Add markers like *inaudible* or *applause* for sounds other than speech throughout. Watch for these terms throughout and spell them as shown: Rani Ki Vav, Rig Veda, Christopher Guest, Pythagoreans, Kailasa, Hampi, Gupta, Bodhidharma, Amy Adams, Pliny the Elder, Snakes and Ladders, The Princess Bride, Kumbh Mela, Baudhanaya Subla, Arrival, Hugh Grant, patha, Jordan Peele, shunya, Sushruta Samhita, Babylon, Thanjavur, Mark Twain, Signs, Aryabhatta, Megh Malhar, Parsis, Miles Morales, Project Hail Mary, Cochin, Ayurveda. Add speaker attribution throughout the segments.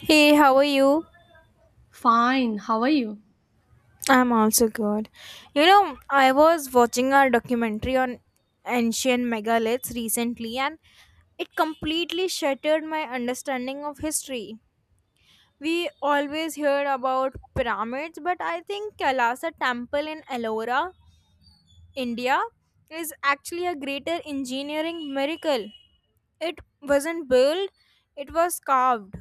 Speaker 1: Hey, how are you?
Speaker 2: Fine, how are you?
Speaker 1: I'm also good. I was watching a documentary on ancient megaliths recently and it completely shattered my understanding of history. We always hear about pyramids, but I think Kailasa temple in Ellora, India is actually a greater engineering miracle. It wasn't built, it was carved.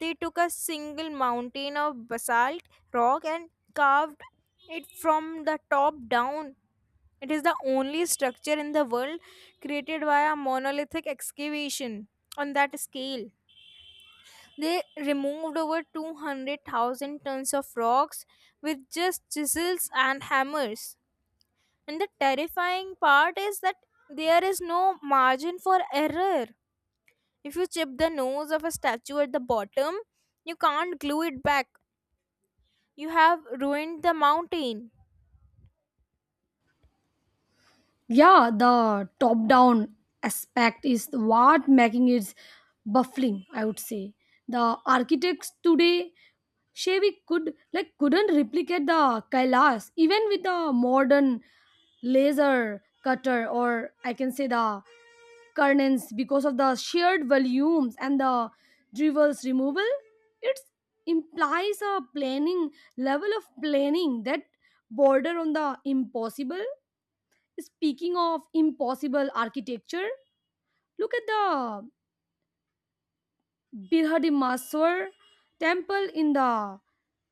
Speaker 1: They took a single mountain of basalt rock and carved it from the top down. It is the only structure in the world created by a monolithic excavation on that scale. They removed over 200,000 tons of rocks with just chisels and hammers. And the terrifying part is that there is no margin for error. If you chip the nose of a statue at the bottom, you can't glue it back. You have ruined the mountain.
Speaker 2: Yeah, the top down aspect is what making it baffling, I would say. The architects today Chevy could like couldn't replicate the Kailas even with the modern laser cutter or I can say the curtains because of the shared volumes and the drivel's removal. It implies a planning level of planning that border on the impossible. Speaking of impossible architecture, look at the Birhadimmaswar temple in the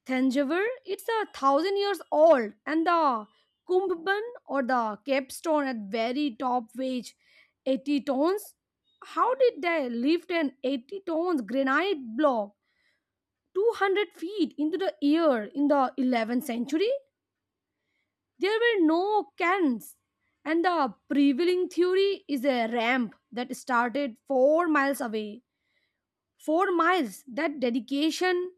Speaker 2: Thanjavur. It's 1,000 years old, and the Kumbban or the capstone at very top weighs 80 tons. How did they lift an 80 tons granite block 200 feet into the air in the 11th century? There were no cans, and the prevailing theory is a ramp that started 4 miles away. 4 miles, that dedication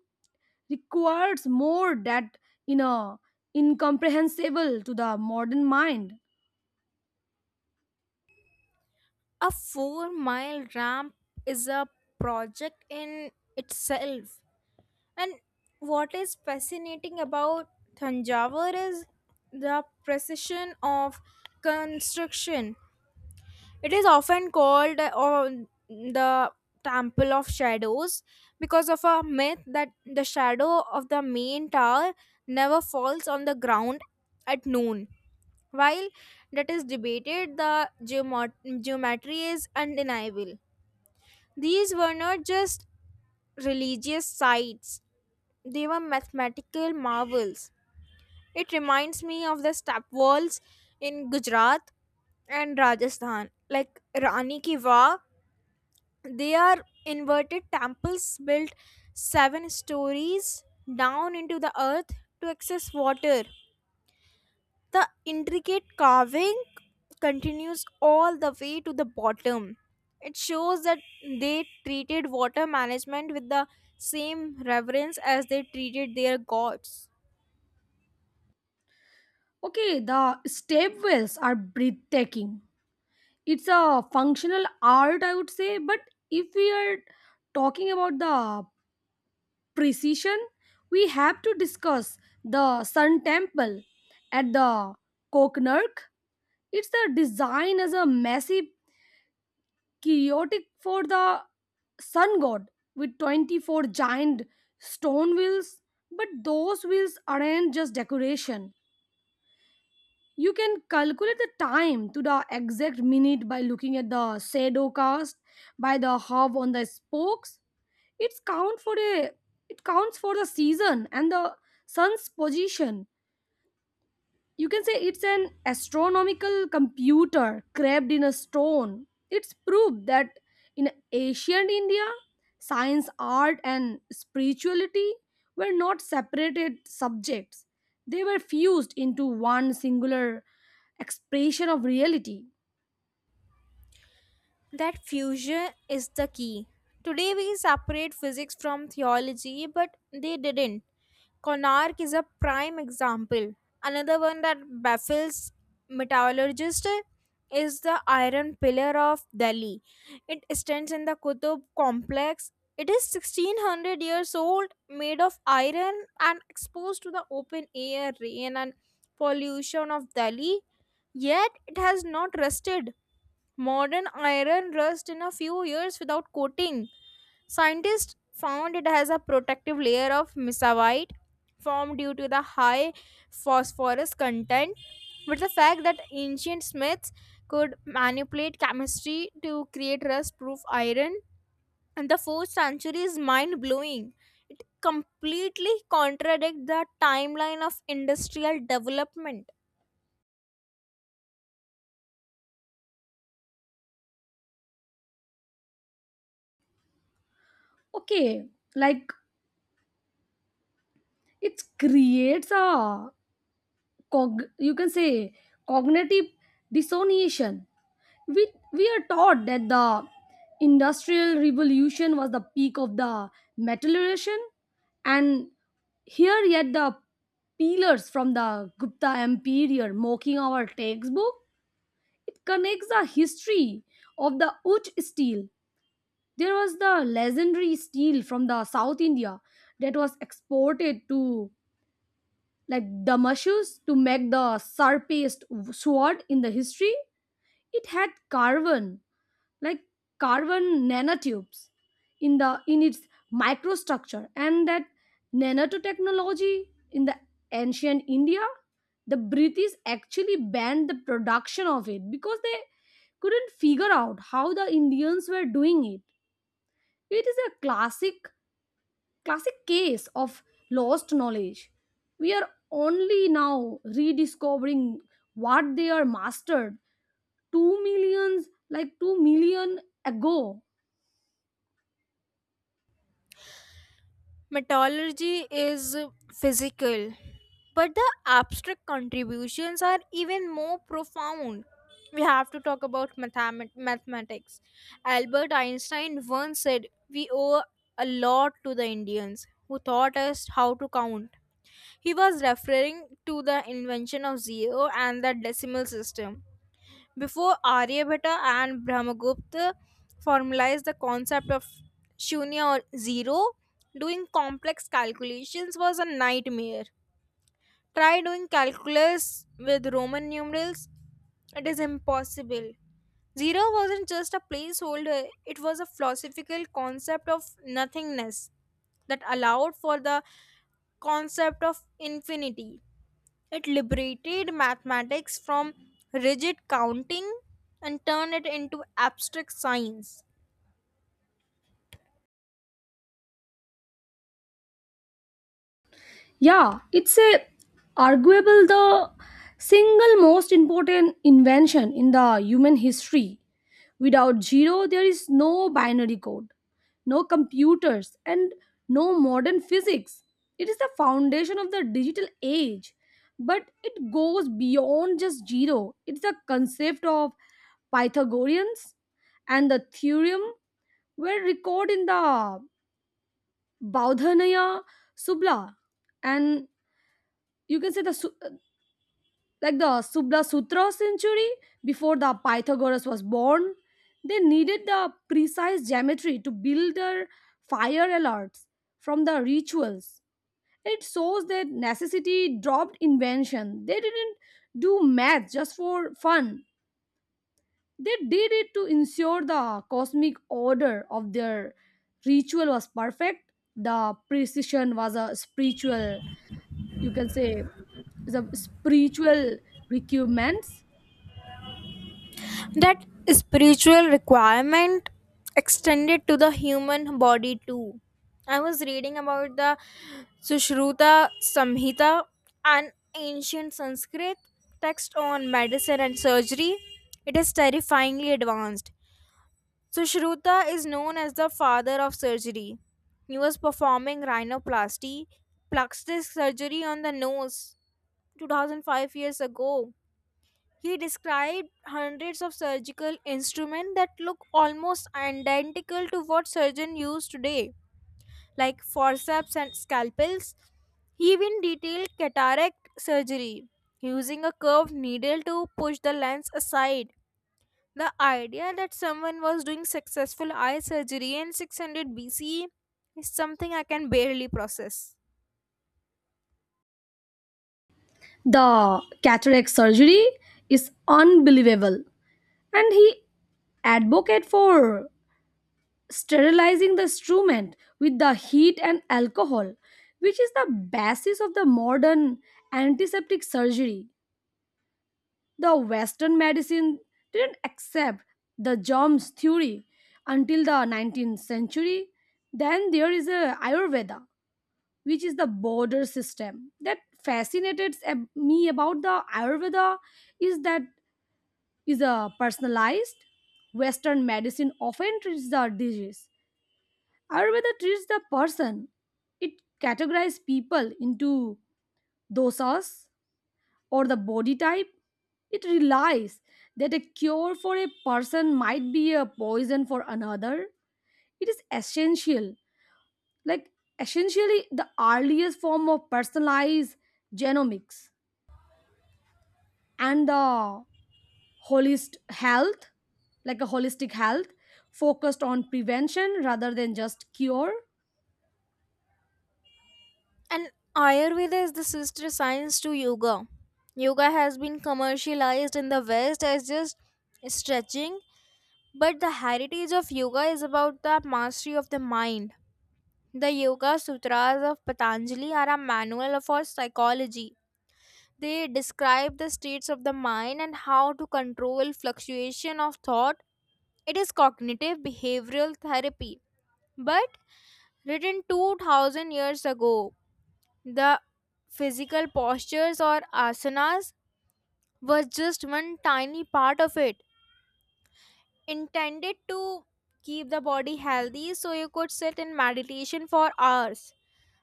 Speaker 2: requires more that you know incomprehensible to the modern mind.
Speaker 1: A 4-mile ramp is a project in itself. And what is fascinating about Thanjavur is the precision of construction. It is often called or the Temple of Shadows because of a myth that the shadow of the main tower never falls on the ground at noon. While that is debated, the geometry is undeniable. These were not just religious sites, they were mathematical marvels. It reminds me of the step walls in Gujarat and Rajasthan, like Rani Ki Vav. They are inverted temples built 7 stories down into the earth to access water. The intricate carving continues all the way to the bottom. It shows that they treated water management with the same reverence as they treated their gods.
Speaker 2: Okay, the stepwells are breathtaking. It's a functional art, I would say, but if we are talking about the precision we have to discuss the sun temple at the Koknark. It's a design as a massive chaotic for the sun god with 24 giant stone wheels, but those wheels aren't just decoration. You can calculate the time to the exact minute by looking at the shadow cast by the hub on the spokes. it's count for a it counts for the season and the sun's position. You can say it's an astronomical computer carved in a stone. It's proof that in ancient India, science, art, and spirituality were not separated subjects. They were fused into one singular expression of reality.
Speaker 1: That fusion is the key. Today we separate physics from theology, but they didn't. Konark is a prime example. Another one that baffles metallurgists is the iron pillar of Delhi. It stands in the Qutub complex. It is 1600 years old, made of iron and exposed to the open air, rain, and pollution of Delhi. Yet it has not rusted. Modern iron rusts in a few years without coating. Scientists found it has a protective layer of mesavite formed due to the high phosphorus content. But the fact that ancient smiths could manipulate chemistry to create rust proof iron. And the fourth century is mind blowing. It completely contradicts the timeline of industrial development.
Speaker 2: Okay, like it creates you can say cognitive dissonation. We we are taught that the industrial revolution was the peak of the metallurgian, and here yet the pillars from the Gupta empire mocking our textbook. It connects the history of the Uch steel. There was the legendary steel from the South India that was exported to like Damascus to make the sharpest sword in the history. It had carbon, like carbon nanotubes in its microstructure, and that nanotechnology in the ancient India, the British actually banned the production of it because they couldn't figure out how the Indians were doing it. It is a classic case of lost knowledge. We are only now rediscovering what they are mastered 2 millions like 2 million ago.
Speaker 1: Metallurgy is physical, but the abstract contributions are even more profound. We have to talk about mathematics. Albert Einstein once said, "We owe a lot to the Indians who taught us how to count." He was referring to the invention of zero and the decimal system. Before Aryabhatta and Brahmagupta formalized the concept of shunya or zero, doing complex calculations was a nightmare. Try doing calculus with Roman numerals, it is impossible. Zero wasn't just a placeholder, it was a philosophical concept of nothingness that allowed for the concept of infinity. It liberated mathematics from rigid counting and turned it into abstract science.
Speaker 2: Yeah, it's a arguable the single most important invention in the human history. Without zero, there is no binary code, no computers, and no modern physics. It is the foundation of the digital age, but it goes beyond just zero. It's the concept of Pythagoreans, and the theorem were recorded in the Baudhanaya Subla, and you can say like the Subla Sutra century before the Pythagoras was born. They needed the precise geometry to build their fire alerts from the rituals. It shows that necessity dropped invention. They didn't do math just for fun. They did it to ensure the cosmic order of their ritual was perfect. The precision was a spiritual, you can say, the spiritual requirements.
Speaker 1: That spiritual requirement extended to the human body too. I was reading about the Sushruta Samhita, an ancient Sanskrit text on medicine and surgery. It is terrifyingly advanced. So Shruta is known as the father of surgery. He was performing rhinoplasty, plastic surgery on the nose 2005 years ago. He described hundreds of surgical instruments that look almost identical to what surgeons use today, like forceps and scalpels. He even detailed cataract surgery, using a curved needle to push the lens aside. The idea that someone was doing successful eye surgery in 600 BCE is something I can barely process.
Speaker 2: The cataract surgery is unbelievable, and he advocated for sterilizing the instrument with the heat and alcohol, which is the basis of the modern antiseptic surgery. The Western medicine didn't accept the germs theory until the 19th century. Then there is a Ayurveda, which is the border system. That fascinated me about the Ayurveda is that is a personalized. Western medicine often treats the disease. Ayurveda treats the person. It categorizes people into dosas or the body type. It relies that a cure for a person might be a poison for another. It is essential, like essentially the earliest form of personalized genomics, and the holist health like a holistic health focused on prevention rather than just cure.
Speaker 1: And Ayurveda is the sister science to yoga. Yoga has been commercialized in the West as just stretching, but the heritage of yoga is about the mastery of the mind. The Yoga Sutras of Patanjali are a manual for psychology. They describe the states of the mind and how to control fluctuation of thought. It is cognitive behavioral therapy. But written 2000 years ago, the physical postures or asanas was just one tiny part of it, intended to keep the body healthy so you could sit in meditation for hours.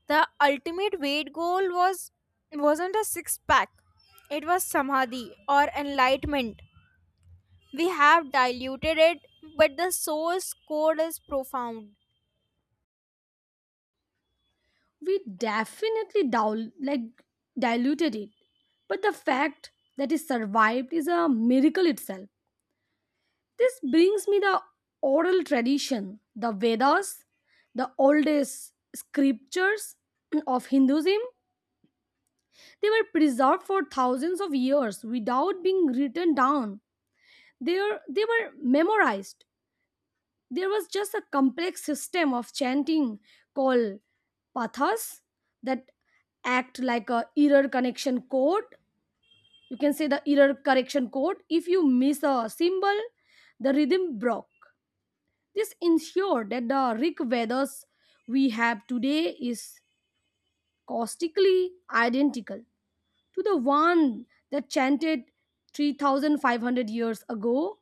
Speaker 1: The ultimate weight goal wasn't a six pack. It was samadhi or enlightenment. We have diluted it, but the source code is profound.
Speaker 2: We definitely like diluted it, but the fact that it survived is a miracle itself. This brings me the oral tradition, the Vedas, the oldest scriptures of Hinduism. They were preserved for thousands of years without being written down. They were memorized. There was just a complex system of chanting called pathas that act like a error connection code. You can say the error correction code. If you miss a symbol, the rhythm broke. This ensured that the Rig Vedas we have today is caustically identical to the one that chanted 3,500 years ago.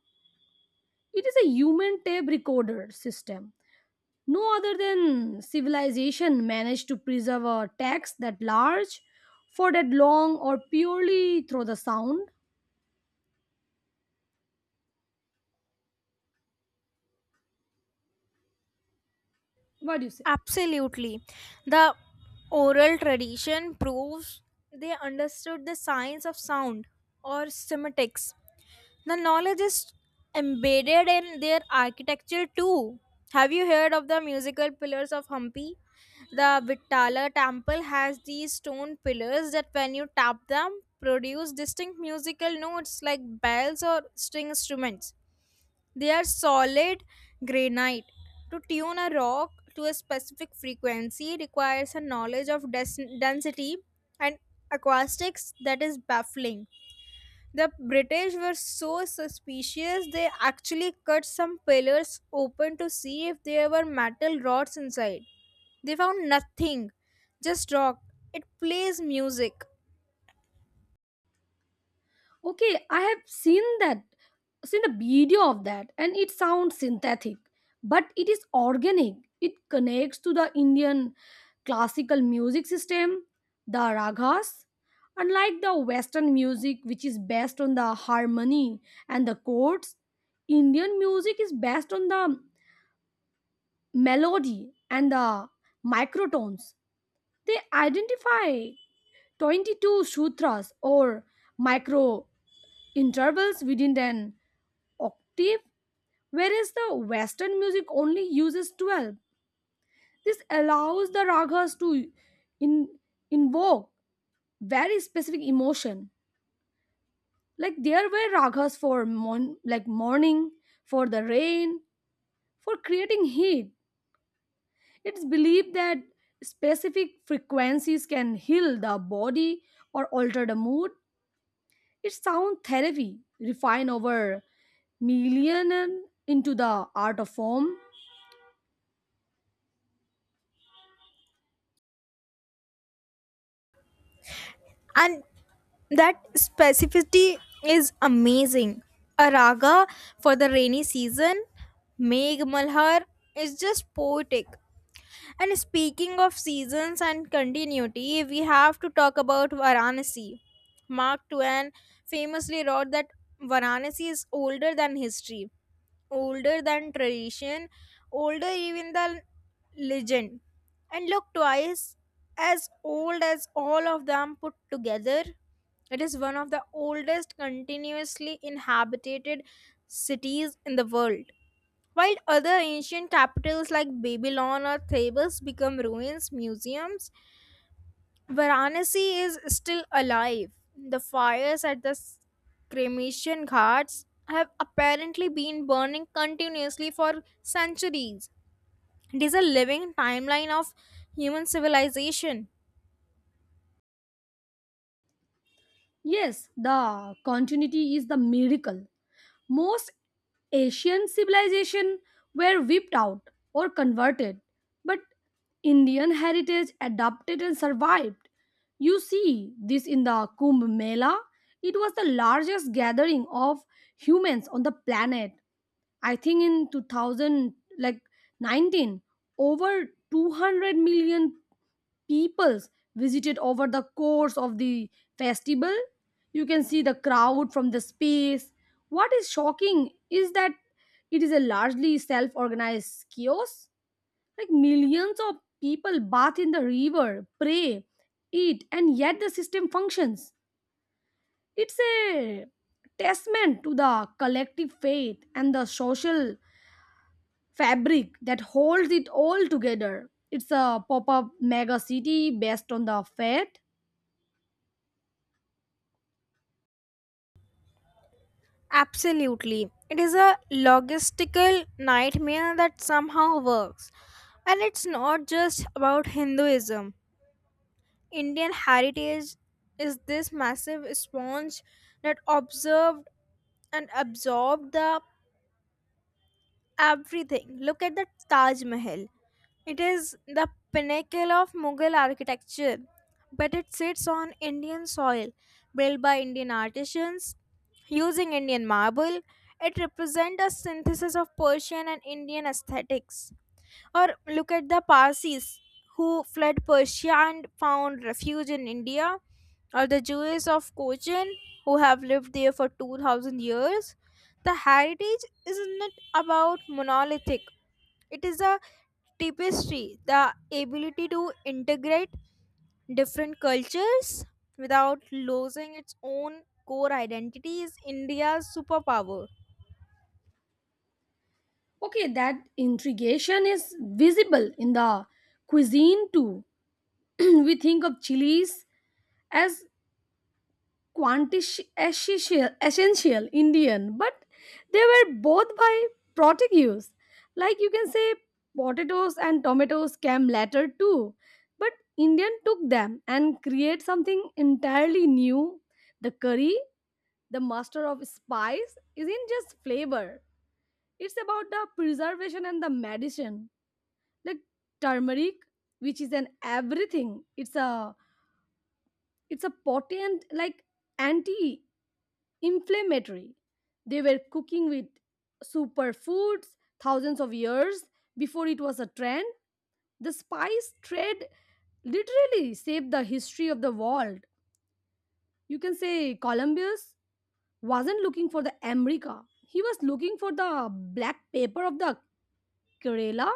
Speaker 2: It is a human tape recorder system. No other than civilization managed to preserve a text that large for that long or purely through the sound. What do you say?
Speaker 1: Absolutely. The oral tradition proves they understood the science of sound or semiotics. The knowledge is embedded in their architecture too. Have you heard of the musical pillars of Hampi? The Vittala temple has these stone pillars that when you tap them produce distinct musical notes like bells or string instruments. They are solid granite. To tune a rock to a specific frequency requires a knowledge of density and acoustics that is baffling. The British were so suspicious they actually cut some pillars open to see if there were metal rods inside. They found nothing, just rock. It plays music.
Speaker 2: Okay, I have seen the video of that, and it sounds synthetic, but it is organic. It connects to the Indian classical music system, the ragas. Unlike the Western music, which is based on the harmony and the chords, Indian music is based on the melody and the microtones. They identify 22 sutras or micro intervals within an octave, whereas the Western music only uses 12. This allows the ragas to in, invoke very specific emotion. Like there were ragas for like morning, for the rain, for creating heat. It's believed that specific frequencies can heal the body or alter the mood. It's sound therapy refined over millennia into the art of form.
Speaker 1: And that specificity is amazing. A raga for the rainy season, Megh Malhar, is just poetic. And speaking of seasons and continuity, we have to talk about Varanasi. Mark Twain famously wrote that Varanasi is older than history, older than tradition, older even than legend, and look twice as old as all of them put together. It is one of the oldest continuously inhabited cities in the world. While other ancient capitals like Babylon or Thebes become ruins, museums, Varanasi is still alive. The fires at the cremation ghats have apparently been burning continuously for centuries. It is a living timeline of human civilization.
Speaker 2: Yes, the continuity is the miracle. Most Asian civilization were wiped out or converted, but Indian heritage adapted and survived. You see this in the Kumbh Mela. It was the largest gathering of humans on the planet. I think in 2000 like 19 over 200 million peoples visited over the course of the festival. You can see the crowd from the space. What is shocking is that it is a largely self organized chaos. Like millions of people bathe in the river, pray, eat, and yet the system functions. It's a testament to the collective faith and the social fabric that holds it all together. It's a pop up mega city based on the faith.
Speaker 1: Absolutely. It is a logistical nightmare that somehow works. And it's not just about Hinduism. Indian heritage is this massive sponge that observed and absorbed the everything. Look at the Taj Mahal. It is the pinnacle of Mughal architecture, but it sits on Indian soil, built by Indian artisans using Indian marble. It represents a synthesis of Persian and Indian aesthetics. Or look at the Parsis who fled Persia and found refuge in India, or the Jews of Cochin who have lived there for 2000 years. The heritage isn't about monolithic, it is a tapestry. The ability to integrate different cultures without losing its own core identity is India's superpower.
Speaker 2: Okay, that intrigation is visible in the cuisine too. *clears throat* We think of chilies as quantish essential Indian, but they were both by Portuguese. Like you can say, potatoes and tomatoes came later too, but Indian took them and create something entirely new. The curry, the master of spice, isn't just flavor. It's about the preservation and the medicine, like turmeric, which is an everything. It's a potent, like anti inflammatory. They were cooking with superfoods thousands of years before it was a trend. The spice trade literally saved the history of the world. You can say Columbus wasn't looking for the America. He was looking for the black pepper of the Kerala.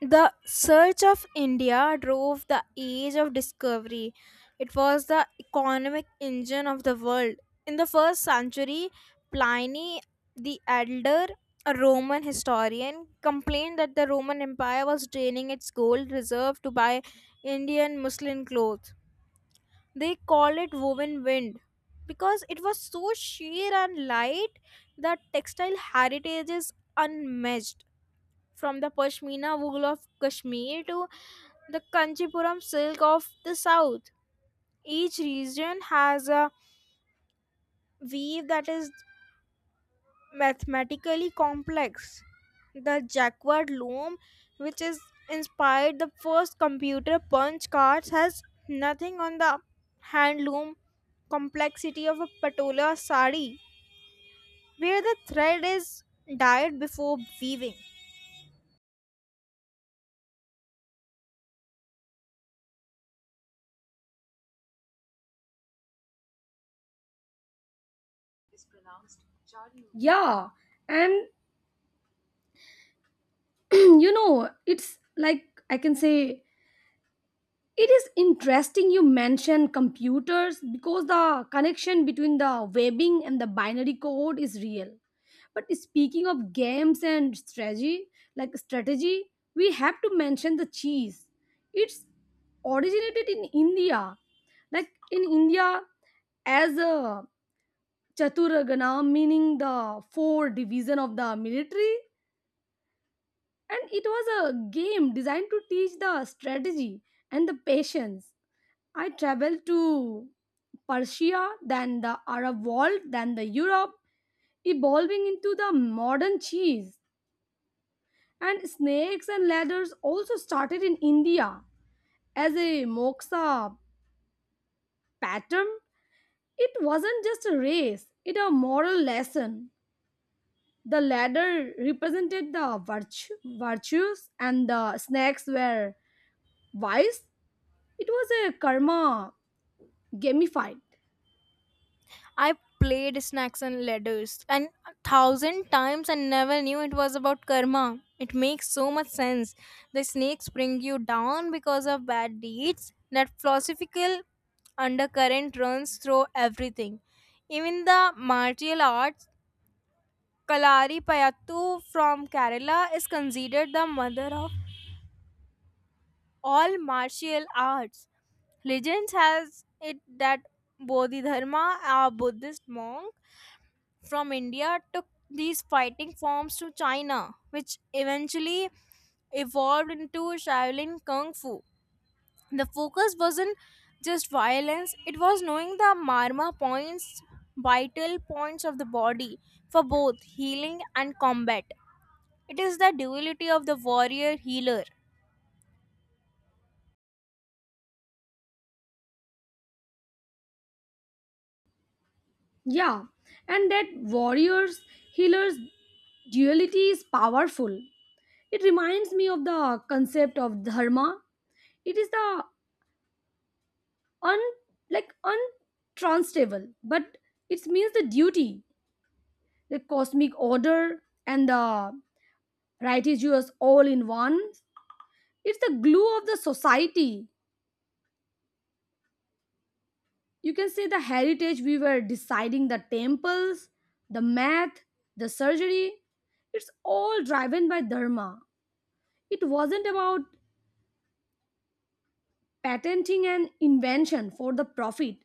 Speaker 1: The search of India drove the age of discovery. It was the economic engine of the world. In the first century, Pliny the Elder, a Roman historian, complained that the Roman Empire was draining its gold reserve to buy Indian muslin clothes. They called it woven wind because it was so sheer and light. That textile heritage is unmatched, from the Pashmina wool of Kashmir to the Kanchipuram silk of the south. Each region has a weave that is mathematically complex. The jacquard loom, which is inspired the first computer punch cards, has nothing on the hand loom complexity of a patola sari, where the thread is dyed before weaving.
Speaker 2: Yeah, and *clears throat* it's like I can say it is interesting you mention computers because the connection between the webbing and the binary code is real, but speaking of games and strategy we have to mention the cheese. It's originated in India, like in india as a chaturagana, meaning the four division of the military, and it was a game designed to teach the strategy and the patience. I traveled to Persia, then the Arab world, then the Europe, evolving into the modern cheese. And snakes and ladders also started in India as a moksha pattern. It wasn't just a race, it a moral lesson. The ladder represented the virtue, virtues and the snakes were wise. It was a karma gamified.
Speaker 1: I played Snacks and Ladders and a thousand times and never knew it was about karma. It makes so much sense. The snakes bring you down because of bad deeds. That philosophical undercurrent runs through everything. Even the martial arts, Kalari Payattu from Kerala is considered the mother of all martial arts. Legends has it that Bodhidharma, a Buddhist monk from India, took these fighting forms to China, which eventually evolved into Shaolin Kung Fu. The focus wasn't just violence, it was knowing the marma points, vital points of the body for both healing and combat. It is the duality of the warrior healer.
Speaker 2: Yeah, and that warriors healers duality is powerful. It reminds me of the concept of dharma. It is the un like untranslatable, but it means the duty, the cosmic order, and the righteous all in one. It's the glue of the society. You can say the heritage we were deciding the temples, the math, the surgery, it's all driven by dharma. It wasn't about patenting an invention for the profit.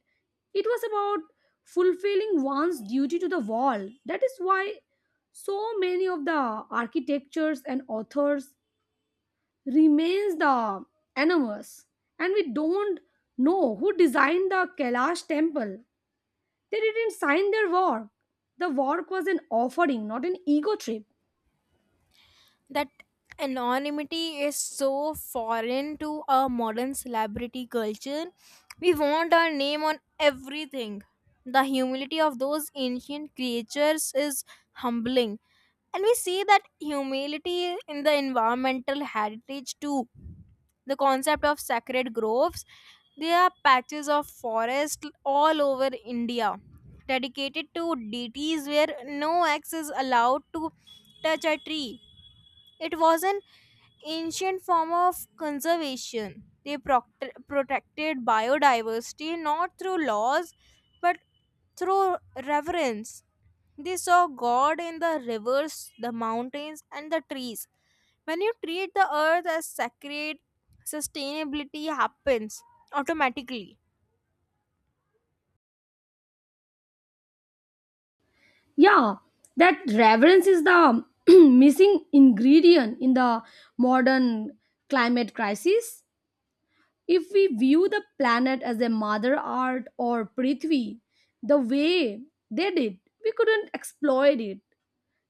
Speaker 2: It was about fulfilling one's duty to the world. That is why so many of the architectures and authors remains the anonymous, and we don't know who designed the Kailash temple. They didn't sign their work. The work was an offering, not an ego trip.
Speaker 1: That anonymity is so foreign to our modern celebrity culture. We want our name on everything. The humility of those ancient creatures is humbling. And we see that humility in the environmental heritage too. The concept of sacred groves, there are patches of forest all over India dedicated to deities where no axe is allowed to touch a tree. It wasn't ancient form of conservation. They protected biodiversity not through laws but through reverence. They saw God in the rivers, the mountains, and the trees. When you treat the earth as sacred, sustainability happens automatically.
Speaker 2: Yeah, that reverence is the *clears throat* missing ingredient in the modern climate crisis. If we view the planet as a mother earth or prithvi, the way they did, we couldn't exploit it.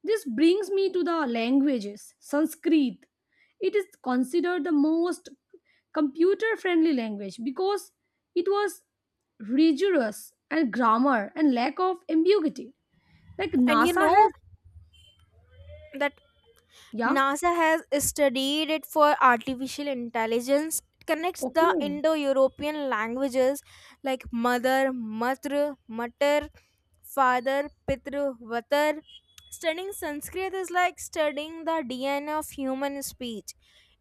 Speaker 2: This brings me to the languages. Sanskrit. It is considered the most computer friendly language because it was rigorous and grammar and lack of ambiguity. Like
Speaker 1: And you
Speaker 2: NASA
Speaker 1: know
Speaker 2: has,
Speaker 1: that
Speaker 2: yeah,
Speaker 1: NASA has studied it for artificial intelligence. It connects
Speaker 2: okay.
Speaker 1: the
Speaker 2: Mm.
Speaker 1: Indo European languages, like mother, matra, matar, father, pitru, vatar. Studying Sanskrit is like studying the DNA of human speech.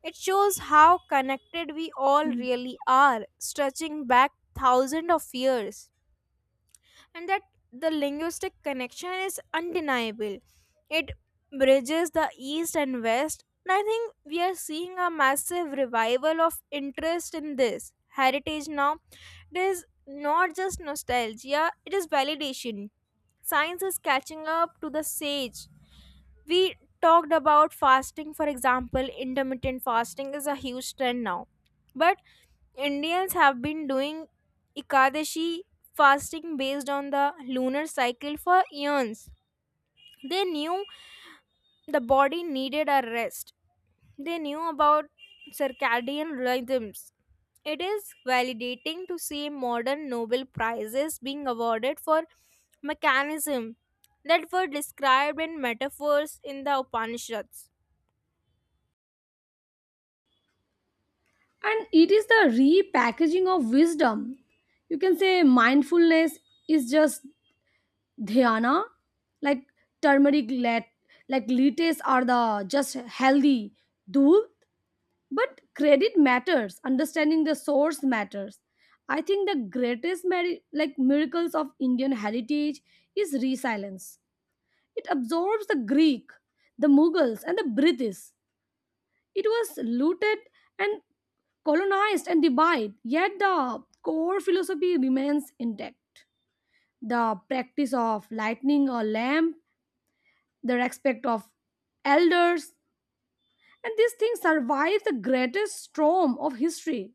Speaker 1: It shows how connected we all really are, stretching back thousands of years, and that the linguistic connection is undeniable. It bridges the East and West, and I think we are seeing a massive revival of interest in this heritage now. It is not just nostalgia, it is validation. Science is catching up to the sage. We talked about fasting, for example. Intermittent fasting is a huge trend now. But Indians have been doing Ekadashi fasting based on the lunar cycle for eons. They knew the body needed a rest, they knew about circadian rhythms. It is validating to see modern Nobel Prizes being awarded for mechanism that were described in metaphors in the Upanishads.
Speaker 2: And it is the repackaging of wisdom. You can say mindfulness is just dhyana, like turmeric, like lites are the just healthy dhub, but credit matters, understanding the source matters. I think the greatest like miracles of Indian heritage is resilience. It absorbs the Greek, the Mughals and the British. It was looted and colonized and divided, yet the core philosophy remains intact. The practice of lighting a lamp, the respect of elders, and these things survive the greatest storm of history.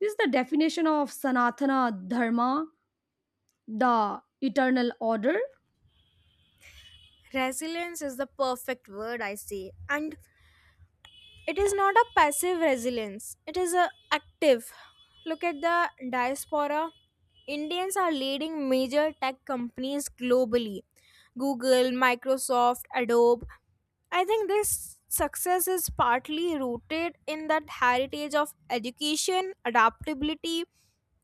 Speaker 2: This is the definition of Sanatana Dharma, the eternal order.
Speaker 1: Resilience is the perfect word, I say. And it is not a passive resilience, it is a active. Look at the diaspora. Indians are leading major tech companies globally: Google, Microsoft, Adobe. I think this success is partly rooted in that heritage of education, adaptability,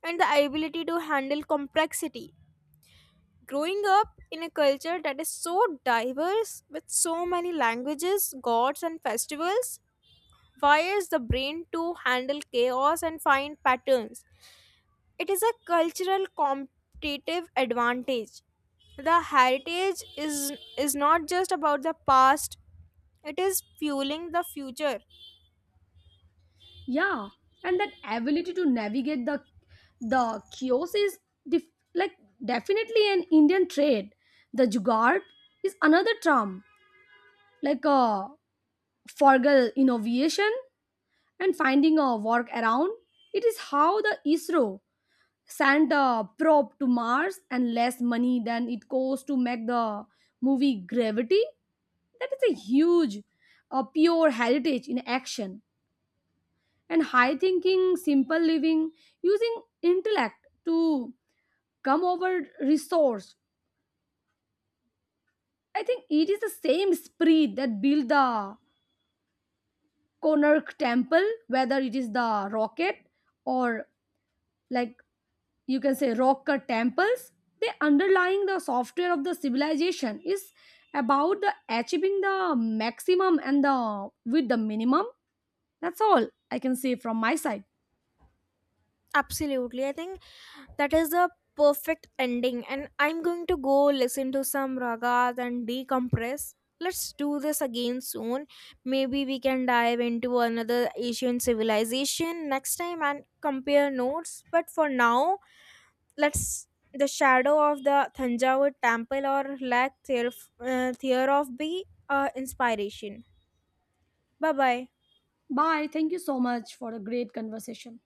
Speaker 1: and the ability to handle complexity. Growing up in a culture that is so diverse, with so many languages, gods, and festivals, wires the brain to handle chaos and find patterns. It is a cultural competitive advantage. The heritage is not just about the past, it is fueling the future.
Speaker 2: Yeah, and that ability to navigate the chaos is like definitely an Indian trait. The Jugaad is another term, like a forgal innovation and finding a work around. It is how the ISRO send the probe to Mars and less money than it costs to make the movie Gravity. That is a huge, pure heritage in action. And high thinking, simple living, using intellect to come over resource. I think it is the same spirit that built the Konark temple, whether it is the rocket or like you can say rock cut temples. They underlying the software of the civilization is about the achieving the maximum and the with the minimum. That's all I can say from my side.
Speaker 1: Absolutely. I think that is the perfect ending. And I'm going to go listen to some ragas and decompress. Let's do this again soon. Maybe we can dive into another Asian civilization next time and compare notes. But for now, let's the shadow of the Thanjavur temple, or lack thereof, be inspiration. Bye bye.
Speaker 2: Bye, thank you so much for a great conversation.